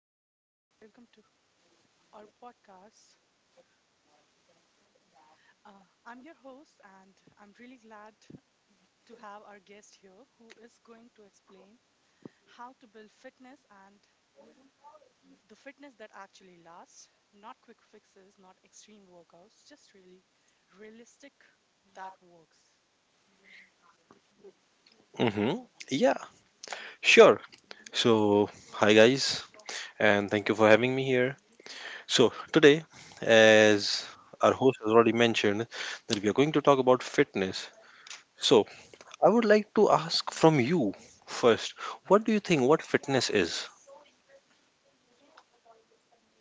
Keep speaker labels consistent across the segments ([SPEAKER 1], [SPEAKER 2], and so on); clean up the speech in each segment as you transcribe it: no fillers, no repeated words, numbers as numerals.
[SPEAKER 1] Hey everyone, welcome to our podcast. I'm your host, and I'm really glad to have our guest here who is going to explain how to build fitness and the fitness that actually lasts, not quick fixes, not extreme workouts, just really realistic that works.
[SPEAKER 2] Mm-hmm. Yeah, sure. So, hi guys, and thank you for having me here. So, today, as our host has already mentioned, that we are going to talk about fitness. So, I would like to ask from you first, what do you think what fitness is?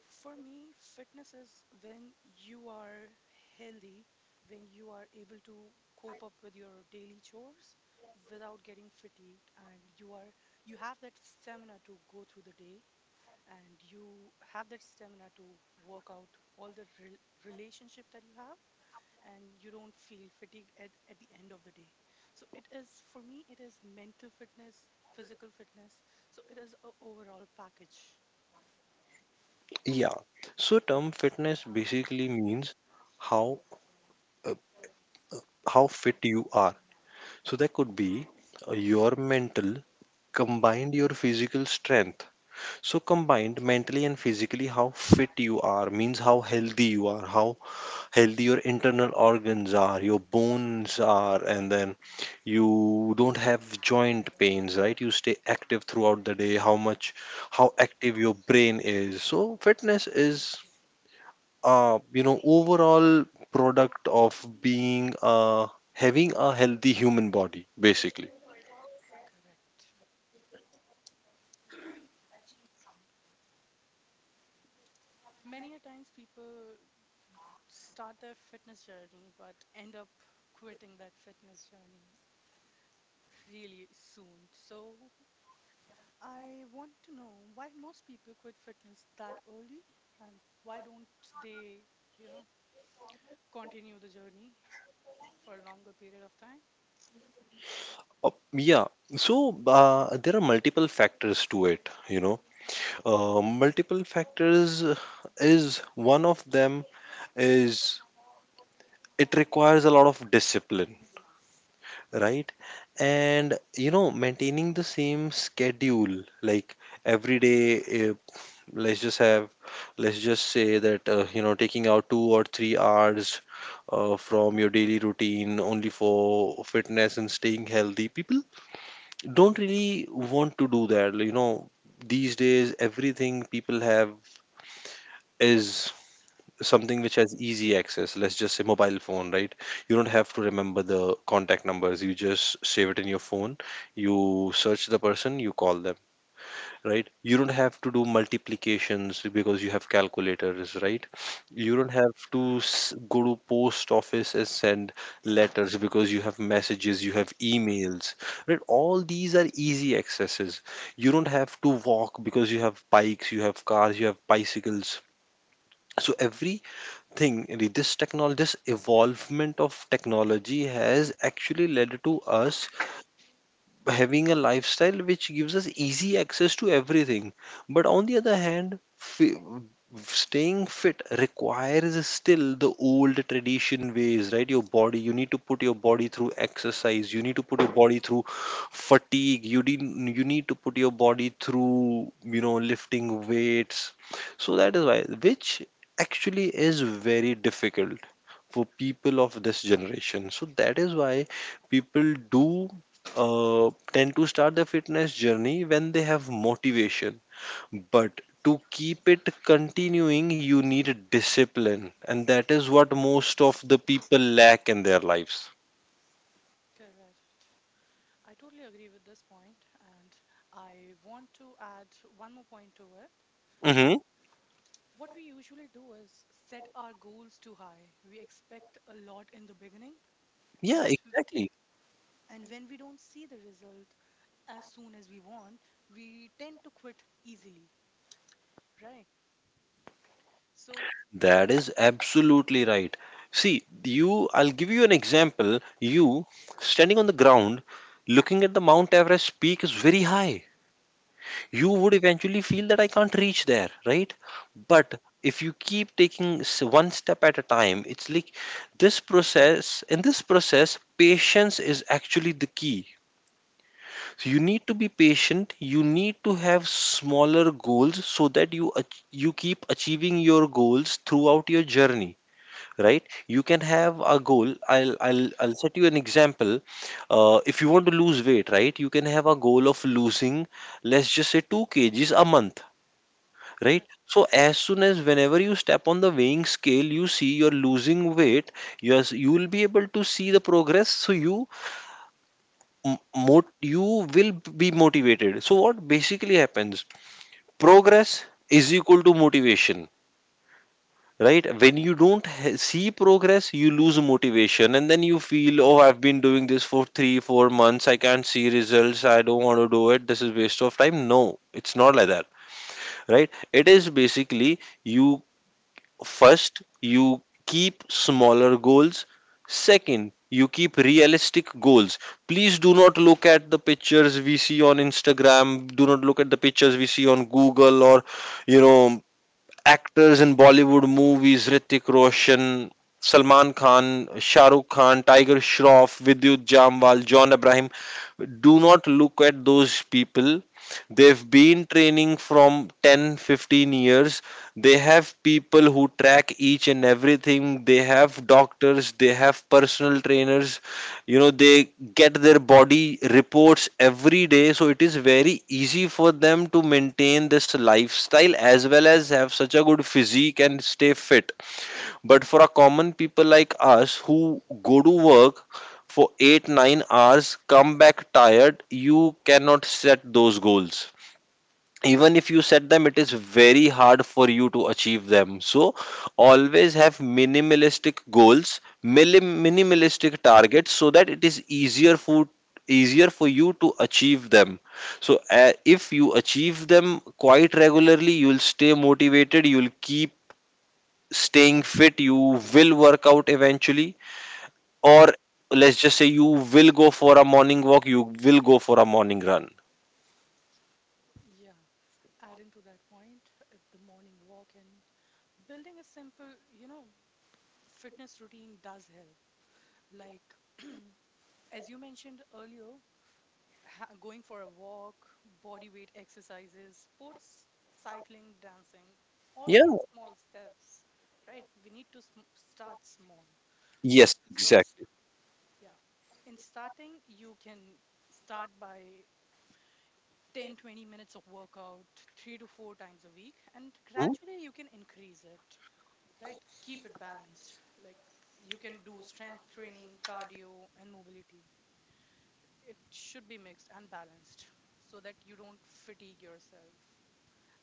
[SPEAKER 1] For me, fitness is when you are healthy, when you are able to cope up with your daily chores without getting fatigued, and you have that stamina to go through the day, and you have that stamina to work out all the relationship that you have, and you don't feel fatigued at the end of the day. So it is for me it is mental fitness, physical fitness. So it is a overall package.
[SPEAKER 2] Yeah. So, term fitness basically means how uh, how fit you are. So, that could be your mental combined your physical strength. So combined mentally and physically, how fit you are means how healthy you are, how healthy your internal organs are, your bones are, and then you don't have joint pains, right? You stay active throughout the day, how much, how active your brain is. So fitness is, overall product of being, having a healthy human body, basically.
[SPEAKER 1] Correct. Many a times people start their fitness journey but end up quitting that fitness journey really soon. So I want to know why most people quit fitness that early, and why don't they, you know, continue the journey for a longer period of time?
[SPEAKER 2] Yeah. So there are multiple factors to it, you know. Multiple factors, is one of them is it requires a lot of discipline, right? And you know, maintaining the same schedule like every day. Uh, let's just have, let's just say that taking out 2 or 3 hours from your daily routine only for fitness and staying healthy. People don't really want to do that. You know, these days everything people have is something which has easy access, let's just say mobile phone, right? You don't have to remember the contact numbers, you just save it in your phone, you search the person, you call them, right? You don't have to do multiplications because you have calculators, right? You
[SPEAKER 1] Right.
[SPEAKER 2] don't have to go to post office and send letters because you have messages, you have emails, right? All these are easy accesses. You don't have to walk because you have bikes, you have cars, you have bicycles. So every thing really, this technology, this evolvement of technology has actually led to us having a lifestyle which gives us easy access to everything. But on the other hand, staying fit requires still the old tradition ways, right? Your body, you need to put your body through exercise, you need to put your body through fatigue, you, you need to put your body through, you know, lifting weights. So that is why, which actually is very difficult for people of this generation. So that is why people do tend to start their fitness journey when they have motivation. But to keep it continuing, you need discipline, and that is what most of the people lack in their lives.
[SPEAKER 1] Correct. I totally agree with this point, and I want to add one more point to it.
[SPEAKER 2] Mm-hmm.
[SPEAKER 1] What we usually do is set our goals too high. We expect a lot in the beginning
[SPEAKER 2] Yeah,
[SPEAKER 1] and
[SPEAKER 2] exactly.
[SPEAKER 1] and when we don't see the result as soon as we want, we tend to quit easily, right? So...
[SPEAKER 2] That is absolutely right. See, you, I'll give you an example. You standing on the ground, looking at the Mount Everest peak is very high. You would eventually feel that I can't reach there, right? But if you keep taking one step at a time, it's like in this process, patience is actually the key. So you need to be patient, you need to have smaller goals so that you keep achieving your goals throughout your journey, right? You can have a goal, I'll set you an example. If you want to lose weight, right, you can have a goal of losing, let's just say, 2 kgs a month, right?
[SPEAKER 1] Right.
[SPEAKER 2] So as soon as, whenever you step on the weighing scale, you see you're losing weight. Yes, you will be able to see the progress, so you will be motivated. So what basically happens, progress is equal to motivation, right? When you don't h- see progress you lose motivation and then you feel, oh, I've been doing this for 3 4 months, I can't see results, I don't want to do it, this is waste of time. No, it's not like that, right? It is basically you. First, you keep smaller goals. Second, you keep realistic goals. Please do not look at the pictures we see on Instagram. Do not look at the pictures we see on Google or, you know, actors in Bollywood movies, Ritik Roshan, Salman Khan, Shah Rukh Khan, Tiger Shroff, Vidyut Jamwal, John Abraham. Do not look at those people. They've been training from 10 15 years. They have people who track each and everything. They have doctors, they have personal trainers, you know, they get their body reports every day, so it is very easy for them to maintain this lifestyle as well as have such a good physique and stay fit. But for a common people like us who go to work for 8 9 hours, come back tired, you cannot set those goals. Even if you set them, it is very hard for you to achieve them. So always have minimalistic goals, minimalistic targets so that it is easier for you to achieve them. So if you achieve them quite regularly, you will stay motivated, you will keep staying fit, you will work out eventually, or let's just say you will go for a morning walk, you will go for a morning run.
[SPEAKER 1] Yeah, adding to that point, the morning walk and building a simple you know fitness routine does help, like, as you mentioned earlier, going for a walk, body weight exercises, sports, cycling, dancing, all
[SPEAKER 2] Yeah.
[SPEAKER 1] these small steps. Right? We need to start small, like,
[SPEAKER 2] Yes,
[SPEAKER 1] from...
[SPEAKER 2] exactly.
[SPEAKER 1] Yeah. In starting, you can start by 10, 20 minutes of workout, three to four times a week, and
[SPEAKER 2] Hmm?
[SPEAKER 1] gradually you can increase it, right? Keep it balanced. Like, you can do strength training, cardio, and mobility. It should be mixed and balanced so that you don't fatigue yourself.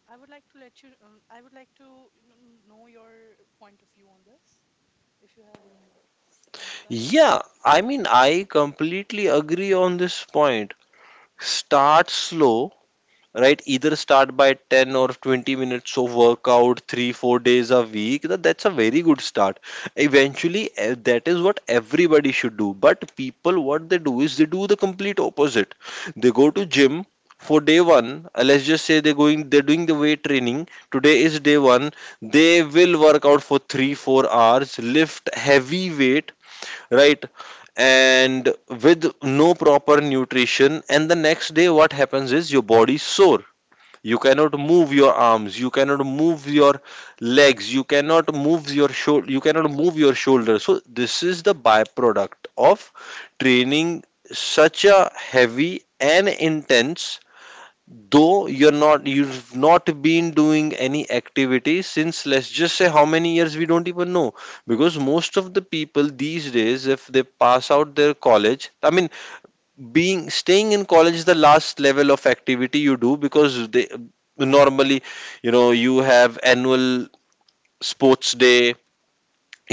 [SPEAKER 1] I would like to know your point of view on this, if you have any insight.
[SPEAKER 2] Yeah, I mean, I completely agree on this point. Start slow, right? Either start by 10 or 20 minutes of workout, three, 4 days a week. That's a very good start. Eventually, that is what everybody should do. But people, what they do is they do the complete opposite. They go to gym for day one. Let's just say they're going, they're doing the weight training. Today is day one. They will work out for three, 4 hours, lift heavy weight, right, and with no proper nutrition, and the next day what happens is your body sore, you cannot move your arms, you cannot move your legs, you cannot move your shoulder, you cannot move your shoulder. So this is the byproduct of training such a heavy and intense, though you've not been doing any activity since, let's just say how many years we don't even know, because most of the people these days, if they pass out their college, I mean, being staying in college is the last level of activity you do, because they normally, you know, you have annual sports day,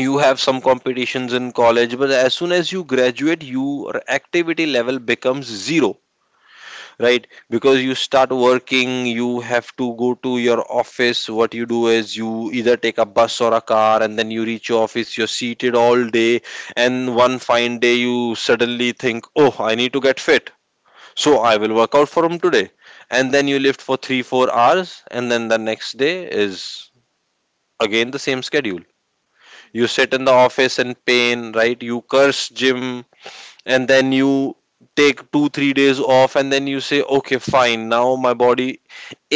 [SPEAKER 2] you have some competitions in college, but as soon as you graduate, your activity level becomes zero,
[SPEAKER 1] Right.
[SPEAKER 2] right? Because you start working, you have to go to your office, what you do is you either take a bus or a car and then you reach your office, you're seated all day, and one fine day you suddenly think, oh, I need to get fit, so I will work out from today. And then you lift for 3 4 hours, and then the next day is again the same schedule. You sit
[SPEAKER 1] Exactly.
[SPEAKER 2] in the office in pain, right, you curse gym, and then you take 2 3 days off, and then you say, okay fine, now my body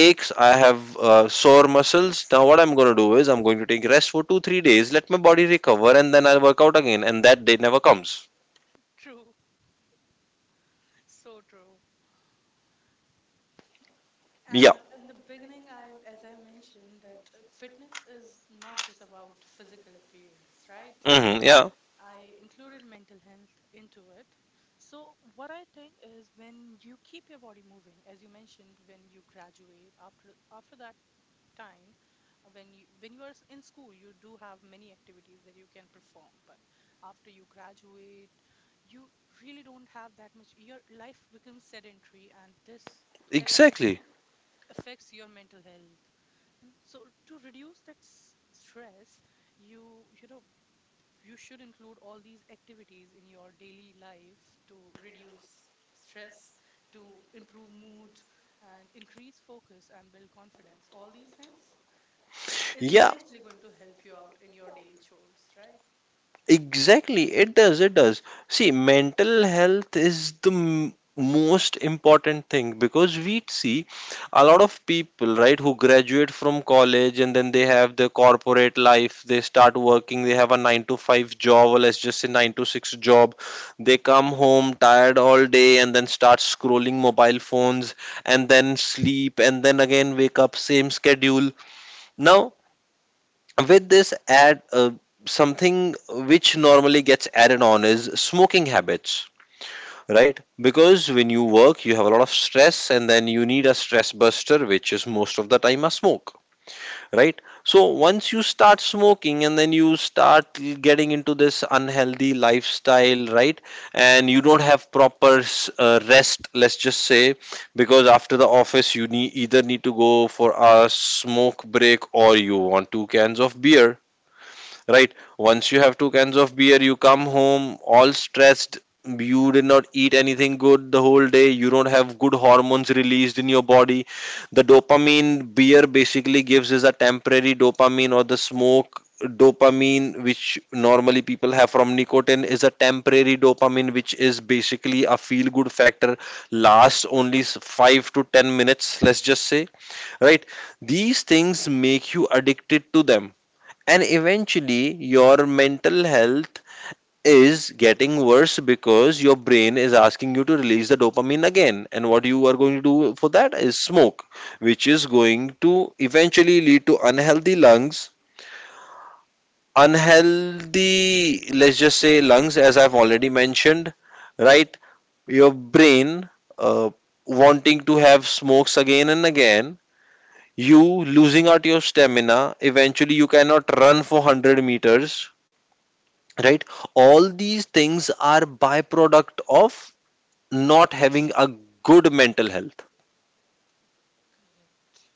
[SPEAKER 2] aches, I have sore muscles, now what I'm going to do is I'm going to take rest for 2 3 days, let my body recover, and then I'll work out again, and that day never comes.
[SPEAKER 1] True. So true.
[SPEAKER 2] Yeah.
[SPEAKER 1] And in the beginning, I, as I mentioned, that fitness is not just about physical appearance, right?
[SPEAKER 2] Hmm, yeah,
[SPEAKER 1] I included mental health into it. So what I think is, when you keep your body moving, as you mentioned, when you graduate, after that time, when you are in school, you do have many activities that you can perform, but after you graduate, you really don't have that much. Your life becomes sedentary, and this
[SPEAKER 2] exactly.
[SPEAKER 1] definitely affects your mental health. So to reduce that stress, you you know you should include all these activities in your daily life to reduce stress, to improve mood, and increase focus and build confidence. All these things is
[SPEAKER 2] Yeah,
[SPEAKER 1] eventually going to help you out in your daily chores, right?
[SPEAKER 2] exactly, it does, it does. See, mental health is the most important thing because we see a lot of people, right, who graduate from college and then they have their corporate life, they start working, they have a 9 to 5 job, or let's just say 9 to 6 job. They come home tired all day and then start scrolling mobile phones and then sleep and then again wake up, same schedule. Now, with this add something which normally gets added on is smoking habits, right? Because when you work you have a lot of stress and then you need a stress buster which is most of the time a smoke, right? So once you start smoking and then you start getting into this unhealthy lifestyle, right, and you don't have proper rest, let's just say, because after the office you need either need to go for a smoke break or you want two cans of beer, right? Once you have two cans of beer, you come home all stressed. You did not eat anything good the whole day. You don't have good hormones released in your body. The dopamine beer basically gives is a temporary dopamine, or the smoke dopamine which normally people have from nicotine is a temporary dopamine, which is basically a feel good factor, lasts only 5 to 10 minutes, let's just say, right? These things make you addicted to them, and eventually your mental health is getting worse because your brain is asking you to release the dopamine again, and what you are going to do for that is smoke, which is going to eventually lead to unhealthy lungs, unhealthy let's just say lungs, as I've already mentioned, right? Your brain uh, wanting to have smokes again and again, you losing out your stamina, eventually you cannot run for 100 meters, right? All these things are byproduct of not having a good mental health.
[SPEAKER 1] Correct.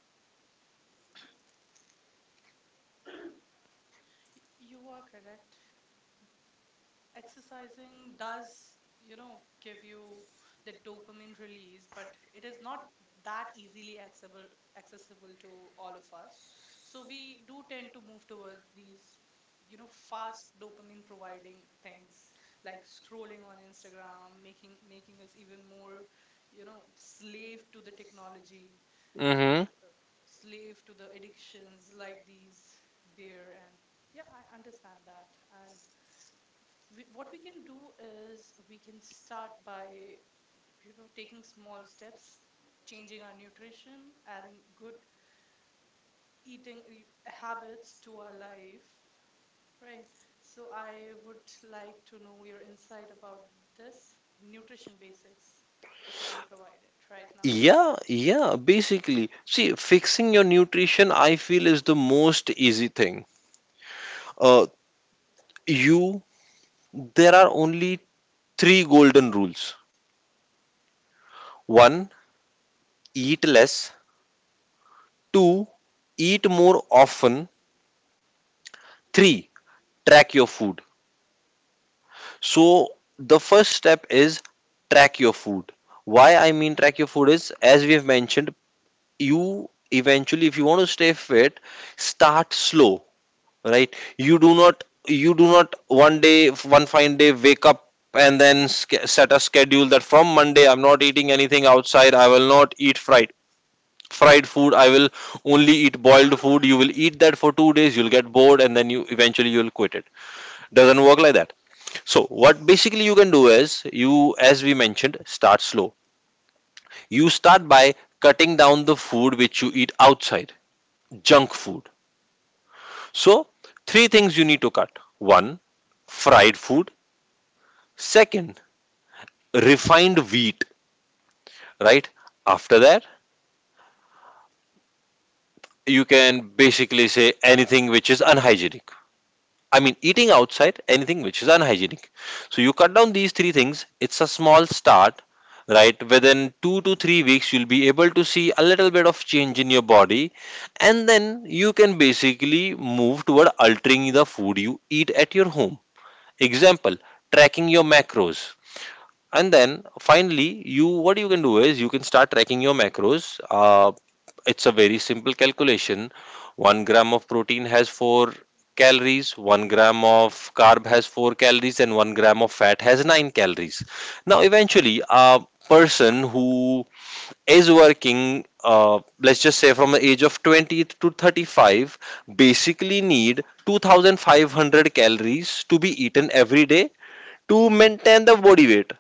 [SPEAKER 1] You are correct. Exercising does, give you the dopamine release, but it is not that easily accessible to all of us. So we do tend to move towards these, fast dopamine providing things like scrolling on Instagram, making us even more, slave to the technology and
[SPEAKER 2] Mm-hmm.
[SPEAKER 1] slave to the addictions like these beer, and yeah, I understand that. And what we can do is we can start by taking small steps, changing our nutrition, adding good eating habits to our life, right? So I would like to know your insight about this nutrition basics, if you can provide it right now.
[SPEAKER 2] Yeah, yeah, basically, see, fixing your nutrition I feel is the most easy thing. uh, you There are only three golden rules. One, eat less. Two, eat more often. Three, track your food. So the first step is track your food. Why I mean track your food is, as we have mentioned, you, eventually, if you want to stay fit, start slow, right? You do not one day, one fine day, wake up and then set a schedule that from Monday I'm not eating anything outside, I will not eat fried food, I will only eat boiled food. You will eat that for 2 days, you'll get bored, and then you eventually you'll quit it. Doesn't work like that. So what basically you can do is, you, as we mentioned, start slow. You start by cutting down the food which you eat outside, junk food. So, three things you need to cut. One, fried food. Second, refined wheat, right? After that, you can basically say anything which is unhygienic. I mean, eating outside, anything which is unhygienic. So, you cut down these three things. It's a small start, right? Within 2 to 3 weeks, you'll be able to see a little bit of change in your body, and then you can basically move toward altering the food you eat at your home. Example, tracking your macros, and then finally, you what you can do is you can start tracking your macros. It's a very simple calculation. 1 gram of protein has 4 calories, 1 gram of carb has 4 calories, and 1 gram of fat has 9 calories. Now eventually a person who is working, let's just say from the age of 20 to 35, basically need 2,500 calories to be eaten every day to maintain the body weight.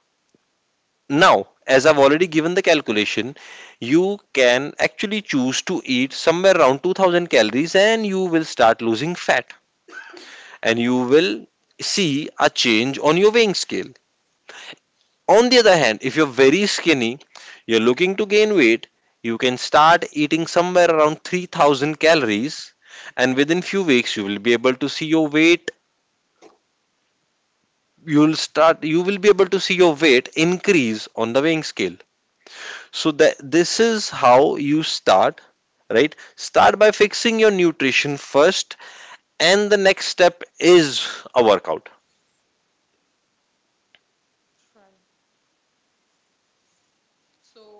[SPEAKER 2] Now, as I've already given the calculation, you can actually choose to eat somewhere around 2,000 calories and you will start losing fat, and you will see a change on your weighing scale. On the other hand, if you're very skinny, you're looking to gain weight, you can start eating somewhere around 3,000 calories, and within few weeks you will be able to see your weight,
[SPEAKER 1] Right,
[SPEAKER 2] you will be able to see your weight increase on the weighing scale. So that this is how you start, right? Start by fixing your nutrition first, and the next step is a workout.
[SPEAKER 1] right. So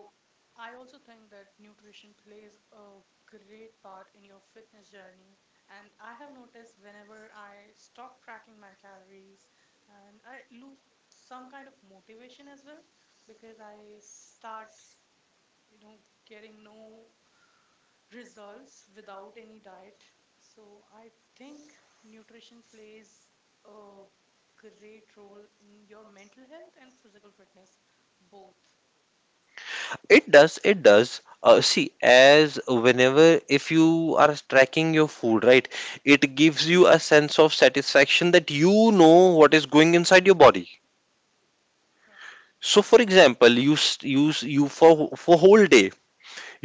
[SPEAKER 1] I also think that nutrition plays a great part in your fitness journey. And I have noticed whenever I stop tracking my calories, and I lose some kind of motivation as well because I start, you know, getting no results without any diet. So I think nutrition plays a great role in your mental health and physical fitness both.
[SPEAKER 2] It does, it does. See, as whenever if you are tracking your food, right, it gives you a sense of satisfaction that you know what is going inside your body. So, for example, you s- you s- you for whole day,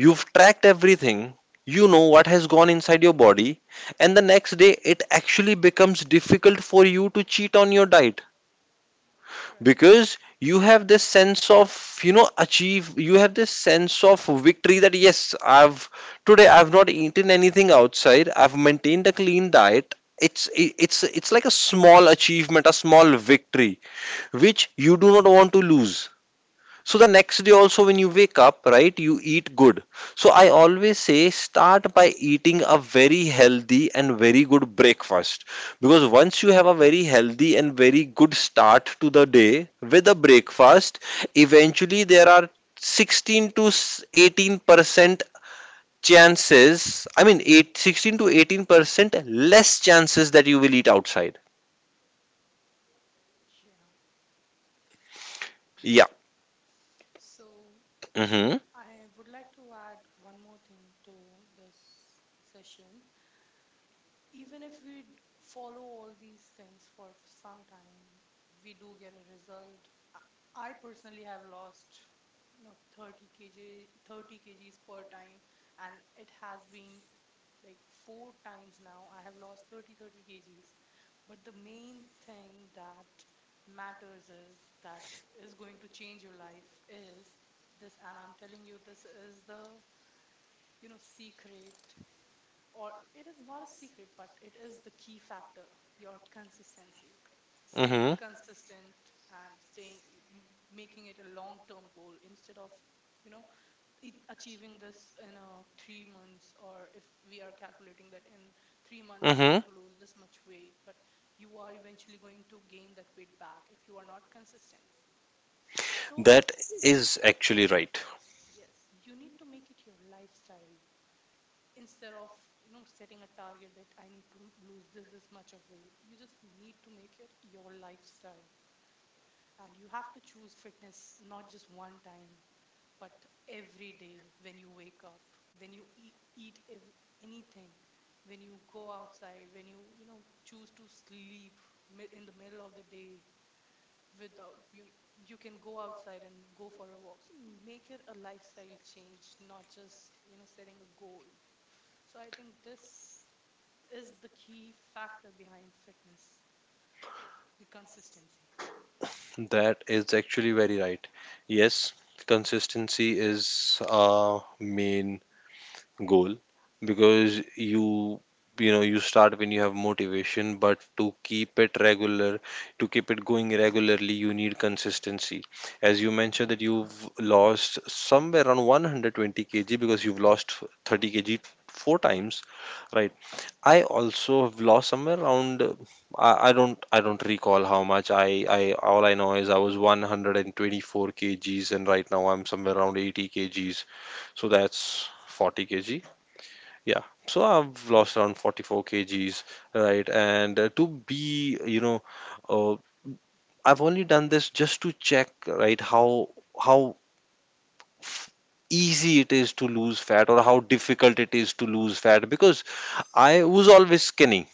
[SPEAKER 2] you've tracked everything, you know what has gone inside your body, and the next day it actually becomes difficult for you to cheat on your diet,
[SPEAKER 1] Right, right.
[SPEAKER 2] because you have this sense of, you know, achieve you have this sense of victory that, yes, I've today I've not eaten anything outside, I've maintained a clean diet. It's like a small achievement, a small victory which you do not want to lose. So the next day also when you wake up, right, you eat good. So I always say start by eating a very healthy and very good breakfast, because once you have a very healthy and very good start to the day with a breakfast, eventually there are 16 to 18% chances, I mean 16 to 18% less chances that you will eat outside.
[SPEAKER 1] Yeah.
[SPEAKER 2] Yeah.
[SPEAKER 1] So
[SPEAKER 2] Mhm.
[SPEAKER 1] I would like to add one more thing to this session. Even if we follow all these things for some time, we do get a result. I I personally have lost, 30 kg, 30 kgs per time, and it has been like four times now. I have lost thirty kgs. But the main thing that matters, is that is going to change your life, is this. And I'm telling you, this is the, secret, or it is not a secret, but it is the key factor, your consistency, staying
[SPEAKER 2] Mhm.
[SPEAKER 1] consistent, and staying making it a long term goal, instead of you know achieving this in 3 months. Or if we are calculating that in 3 months, I'm going
[SPEAKER 2] Mhm.
[SPEAKER 1] to lose this much weight, but you are eventually going to gain that weight back if you are not consistent. So
[SPEAKER 2] That is actually right.
[SPEAKER 1] yes, you need to make it your lifestyle instead of setting a target that I need to lose this much of weight. You just need to make it your lifestyle, and you have to choose fitness not just one time, but every day. When you wake up, when you anything, when you go outside, when choose to sleep in the middle of the day, without you, you can go outside and go for a walk. So make it a lifestyle change, not just, setting a goal. So I think this is the key factor behind fitness, the consistency.
[SPEAKER 2] That is actually very right. Yes, consistency is a main goal because you know you start when you have motivation, but to keep it regular, to keep it going regularly, you need consistency. As you mentioned that you've lost somewhere around 120 kg because you've lost 30 kg four times, right?
[SPEAKER 1] Exactly.
[SPEAKER 2] I also have lost somewhere around. I don't. I don't recall how much. I. I. All I know is I was 124 kgs, and right now I'm somewhere around 80 kgs. So that's 40 kg. Yeah. So I've lost around 44 kgs, right? And to be, you know, uh, I've only done this just to check, right? How f- easy it is to lose fat or how difficult it is to lose fat, because I was always skinny,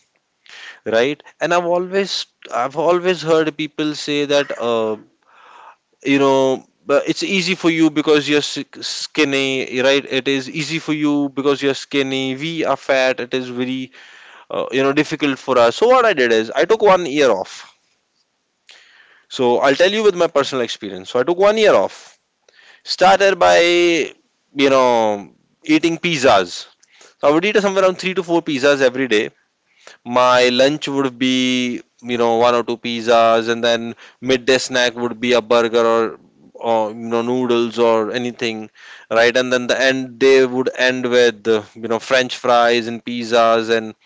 [SPEAKER 2] right? And I've always heard people say that, you know, but it's easy for you because you're skinny, right? It is easy for you because you're skinny, we are fat, it is very you know difficult for us. So what I did is, I took 1 year off. So I'll tell you with my personal experience. So I took 1 year off, started by, you know, eating pizzas. So I would eat somewhere around 3 to 4 pizzas every day. My lunch would be, you know, one or two pizzas, and then midday snack would be a burger, or you know, noodles or anything, right? And then they would end with you know, french fries and pizzas and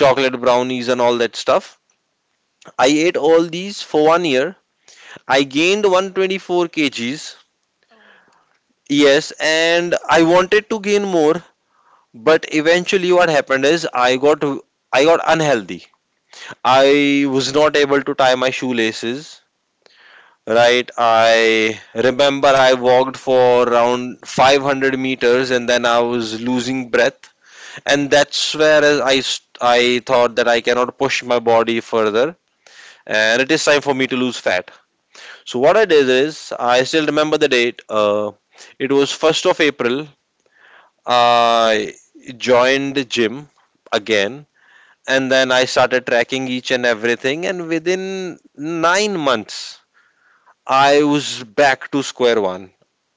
[SPEAKER 2] chocolate brownies and all that stuff. I ate all these for 1 year. I gained 124 kgs.
[SPEAKER 1] Oh my God.
[SPEAKER 2] Yes, and I wanted to gain more, but eventually what happened is, I got unhealthy. I was not able to tie my shoelaces. Right, I remember I walked for around 500 meters and then I was losing breath, and that's where I thought that I cannot push my body further, and it is time for me to lose fat. So what I did is, I still remember the date. It was 1st of April. I joined the gym again, and then I started tracking each and everything. And within 9 months, I was back to square one.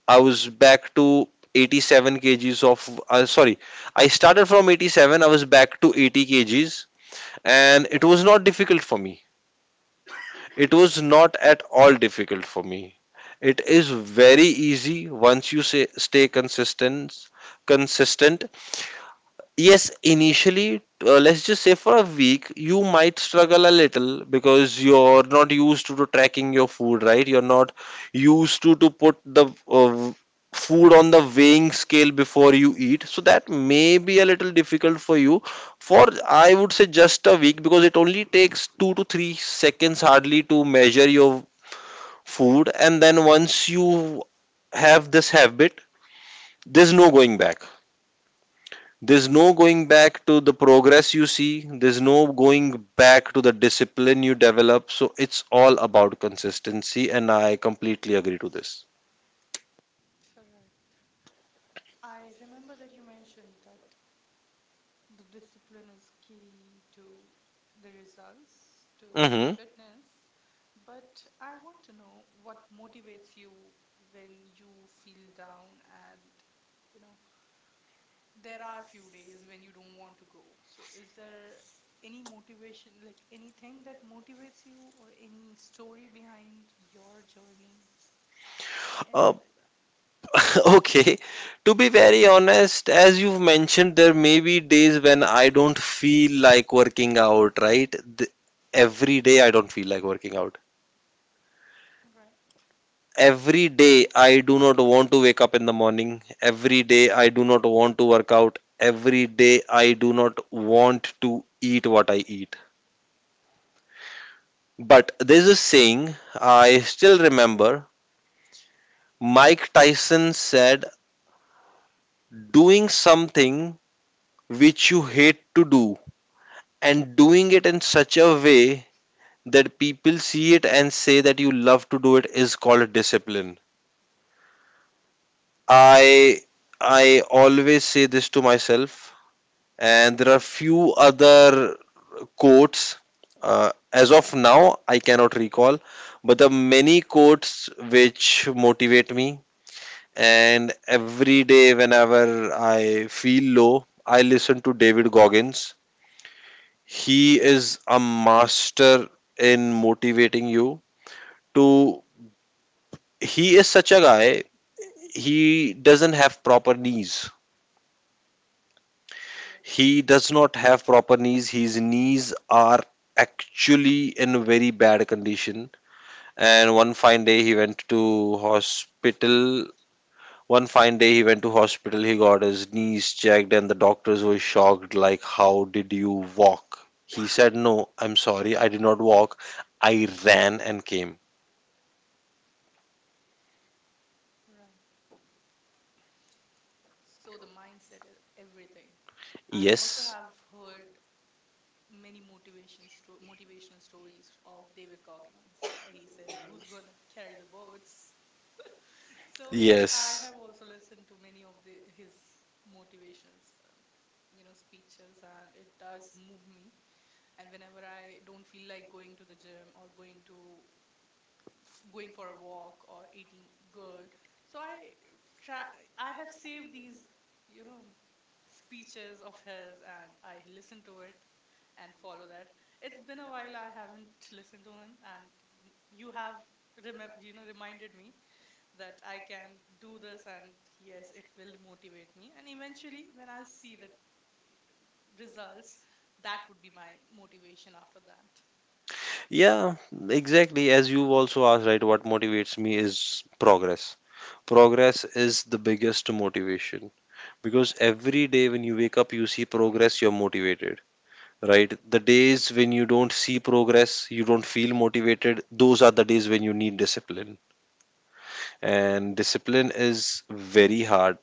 [SPEAKER 2] I was back to 87 kgs of sorry, I started from 87. I was back to 80 kgs, and it was not difficult for me. It was not at all difficult for me. It is very easy once you say, stay consistent, consistent. Yes, initially, let's just say for a week, you might struggle a little because you're not used to tracking your food, right? You're not used to put the food on the weighing scale before you eat. So that may be a little difficult for you, for, I would say, just a week, because it only takes 2 to 3 seconds hardly to measure your food, and then once you have this habit, there's no going back. There's no going back to the progress you see. There's no going back to the discipline you develop. So it's all about consistency, and I completely agree to this.
[SPEAKER 1] Correct. I remember that you mentioned that the discipline is key to the results, to the
[SPEAKER 2] Mm-hmm.
[SPEAKER 1] fitness. But I want to know what motivates you when you feel down, and, you know, there are few days when you don't want to go. So is there any motivation, like anything that motivates you or any story behind your journey? Anything
[SPEAKER 2] Uh,
[SPEAKER 1] like that,
[SPEAKER 2] okay. To be very honest, as you've mentioned, there may be days when I don't feel like working out, right? Th- every day I don't feel like working out.
[SPEAKER 1] right?
[SPEAKER 2] Every day I do not want to wake up in the morning, every day I do not want to work out, every day I do not want to eat what I eat. But there's a saying, I still remember, Mike Tyson said, doing something which you hate to do and doing it in such a way that people see it and say that you love to do it is called discipline. I i always say this to myself. And there are few other quotes, as of now I cannot recall, but the many quotes which motivate me. And every day whenever I feel low, I listen to David Goggins. He is a master in motivating you to He is such a guy, he doesn't have proper knees.
[SPEAKER 1] Yes,
[SPEAKER 2] He does not have proper knees. His knees are actually in very bad condition. And one fine day he went to hospital. One fine day he went to hospital. He got his knees checked, and the doctors were shocked. Like, how did you walk? He said, "No, I'm sorry. I did not walk. I ran and came."
[SPEAKER 1] right. So the mindset is everything. I also have
[SPEAKER 2] Yes.
[SPEAKER 1] heard many motivational stories of David Goggins. He says, "Who's gonna carry the boats?" So yes, I have
[SPEAKER 2] Yes.
[SPEAKER 1] also listened to many of the his motivational, speeches, and it does move me. And whenever I don't feel like going to the gym or going for a walk or eating good, so I try. I have saved these, you know, speeches of his, and I listen to it and follow that. It's been a while I haven't listened to him, and you have remem you know reminded me that I can do this, and yes, it will motivate me. And eventually, when I'll see the results, that would be my motivation after that.
[SPEAKER 2] Yeah, exactly. As you also asked, right, what motivates me is progress. Progress is the biggest motivation,
[SPEAKER 1] Right.
[SPEAKER 2] because every day when you wake up, you see progress, you're motivated, right? The days when you don't see progress, you don't feel motivated, those are the days when you need discipline. And discipline is very hard,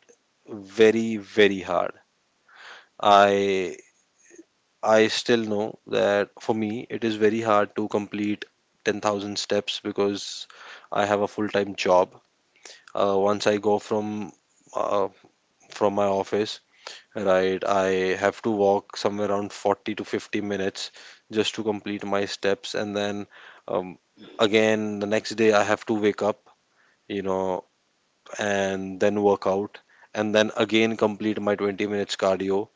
[SPEAKER 2] very, very hard. I I still know that for me, it is very hard to complete 10,000 steps because I have a full-time job. Once I go from uh, from my office, right, I have to walk somewhere around 40 to 50 minutes just to complete my steps, and then um, again the next day I have to wake up, you know, and then work out, and then again complete my 20 minutes cardio,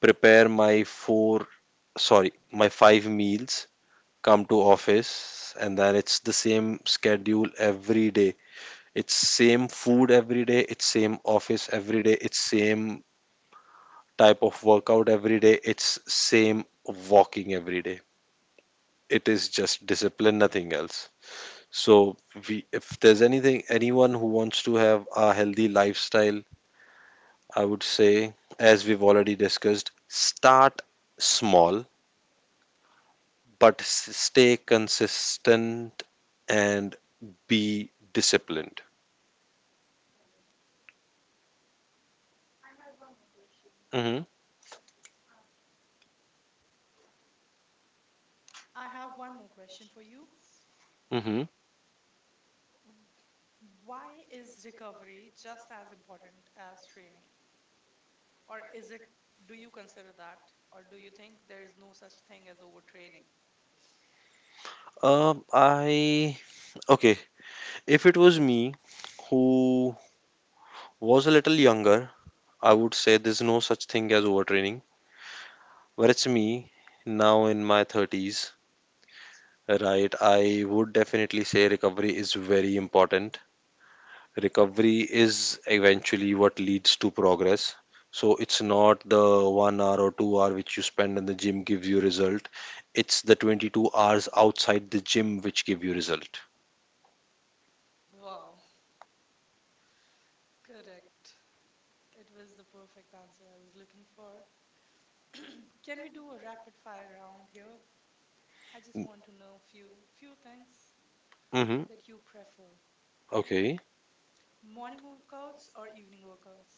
[SPEAKER 2] prepare my four, sorry, my five meals, come to office, and then it's the same schedule every day, it's same food every day, it's same office every day, it's same type of workout every day, it's same walking every day. It is just discipline, nothing else. So we if there's anything, anyone who wants to have a healthy lifestyle, I would say, as we've already discussed, start small, but stay consistent, and be disciplined. Mm-hmm.
[SPEAKER 1] I have one more question for you.
[SPEAKER 2] Mm-hmm.
[SPEAKER 1] W- Why is recovery just as important as training? Or is it, do you consider that? Or do you think there is no such thing as overtraining?
[SPEAKER 2] I Okay. If it was me who was a little younger, I would say there's no such thing as overtraining. But it's me now in my 30s, right? I would definitely say recovery is very important. Recovery is eventually what leads to progress. So it's not the 1 hour or 2 hour which you spend in the gym gives you result. It's the 22 hours outside the gym which give you result.
[SPEAKER 1] Wow, correct. It was the perfect answer I was looking for. Can we do a rapid fire round here? I just want to know few things
[SPEAKER 2] Mm-hmm.
[SPEAKER 1] that you prefer, right?
[SPEAKER 2] Okay.
[SPEAKER 1] Morning workouts or evening workouts?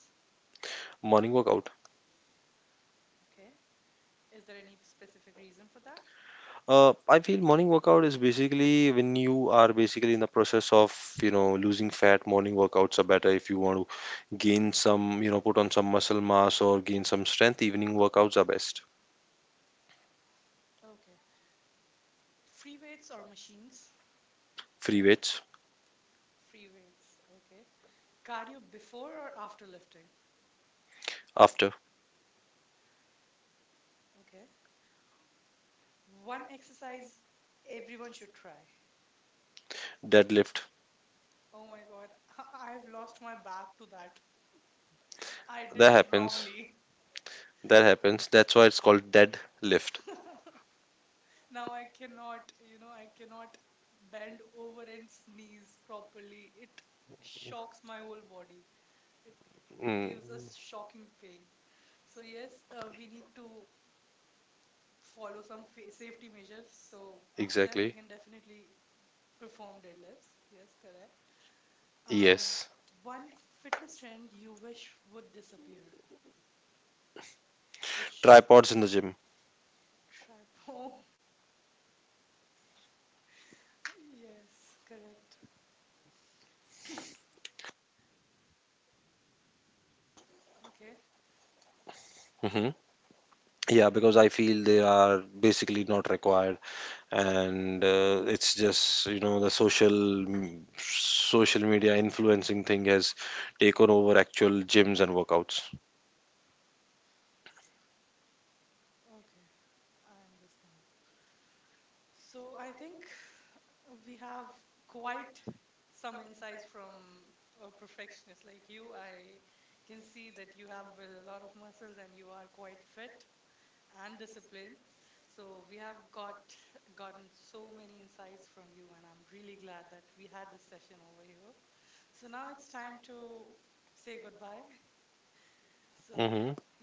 [SPEAKER 2] Morning workout.
[SPEAKER 1] Okay. Is there any specific reason for that?
[SPEAKER 2] I feel morning workout is basically, when you are basically in the process of, you know, losing fat, morning workouts are better. If you want to gain some, you know, put on some muscle mass or gain some strength, evening workouts are best.
[SPEAKER 1] Okay. Free weights or machines?
[SPEAKER 2] Free weights.
[SPEAKER 1] Free weights. Okay. Cardio before or after lifting?
[SPEAKER 2] After.
[SPEAKER 1] Okay. One exercise everyone should try.
[SPEAKER 2] Deadlift.
[SPEAKER 1] Oh my God, I've lost my back to that. I did it
[SPEAKER 2] That
[SPEAKER 1] wrongly.
[SPEAKER 2] happens. That happens. That's why it's called deadlift.
[SPEAKER 1] Now I cannot bend over and sneeze properly. It shocks my whole body. It gives
[SPEAKER 2] Mm,
[SPEAKER 1] us shocking pain. So yes, we need to follow some fa safety measures. So after that, we can
[SPEAKER 2] exactly.
[SPEAKER 1] definitely perform deadlifts. Yes, correct. Um,
[SPEAKER 2] Yes.
[SPEAKER 1] one fitness trend you wish would disappear. It should
[SPEAKER 2] Tripods in the gym.
[SPEAKER 1] trap. Oh, yes, correct. Okay,
[SPEAKER 2] Hmm. Yeah, because I feel they are basically not required. And it's just, you know, the social media influencing thing has taken over actual gyms and workouts.
[SPEAKER 1] okay, I understand. So I think we have quite some insights from a perfectionist like you. I can see that you have a lot of muscles and you are quite fit and disciplined. So we have gotten so many insights from you, and I'm really glad that we had this session over here. So now it's time to say goodbye. So
[SPEAKER 2] Hmm.
[SPEAKER 1] yeah,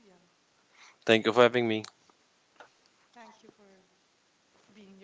[SPEAKER 2] Thank you for having me.
[SPEAKER 1] thank you for being here.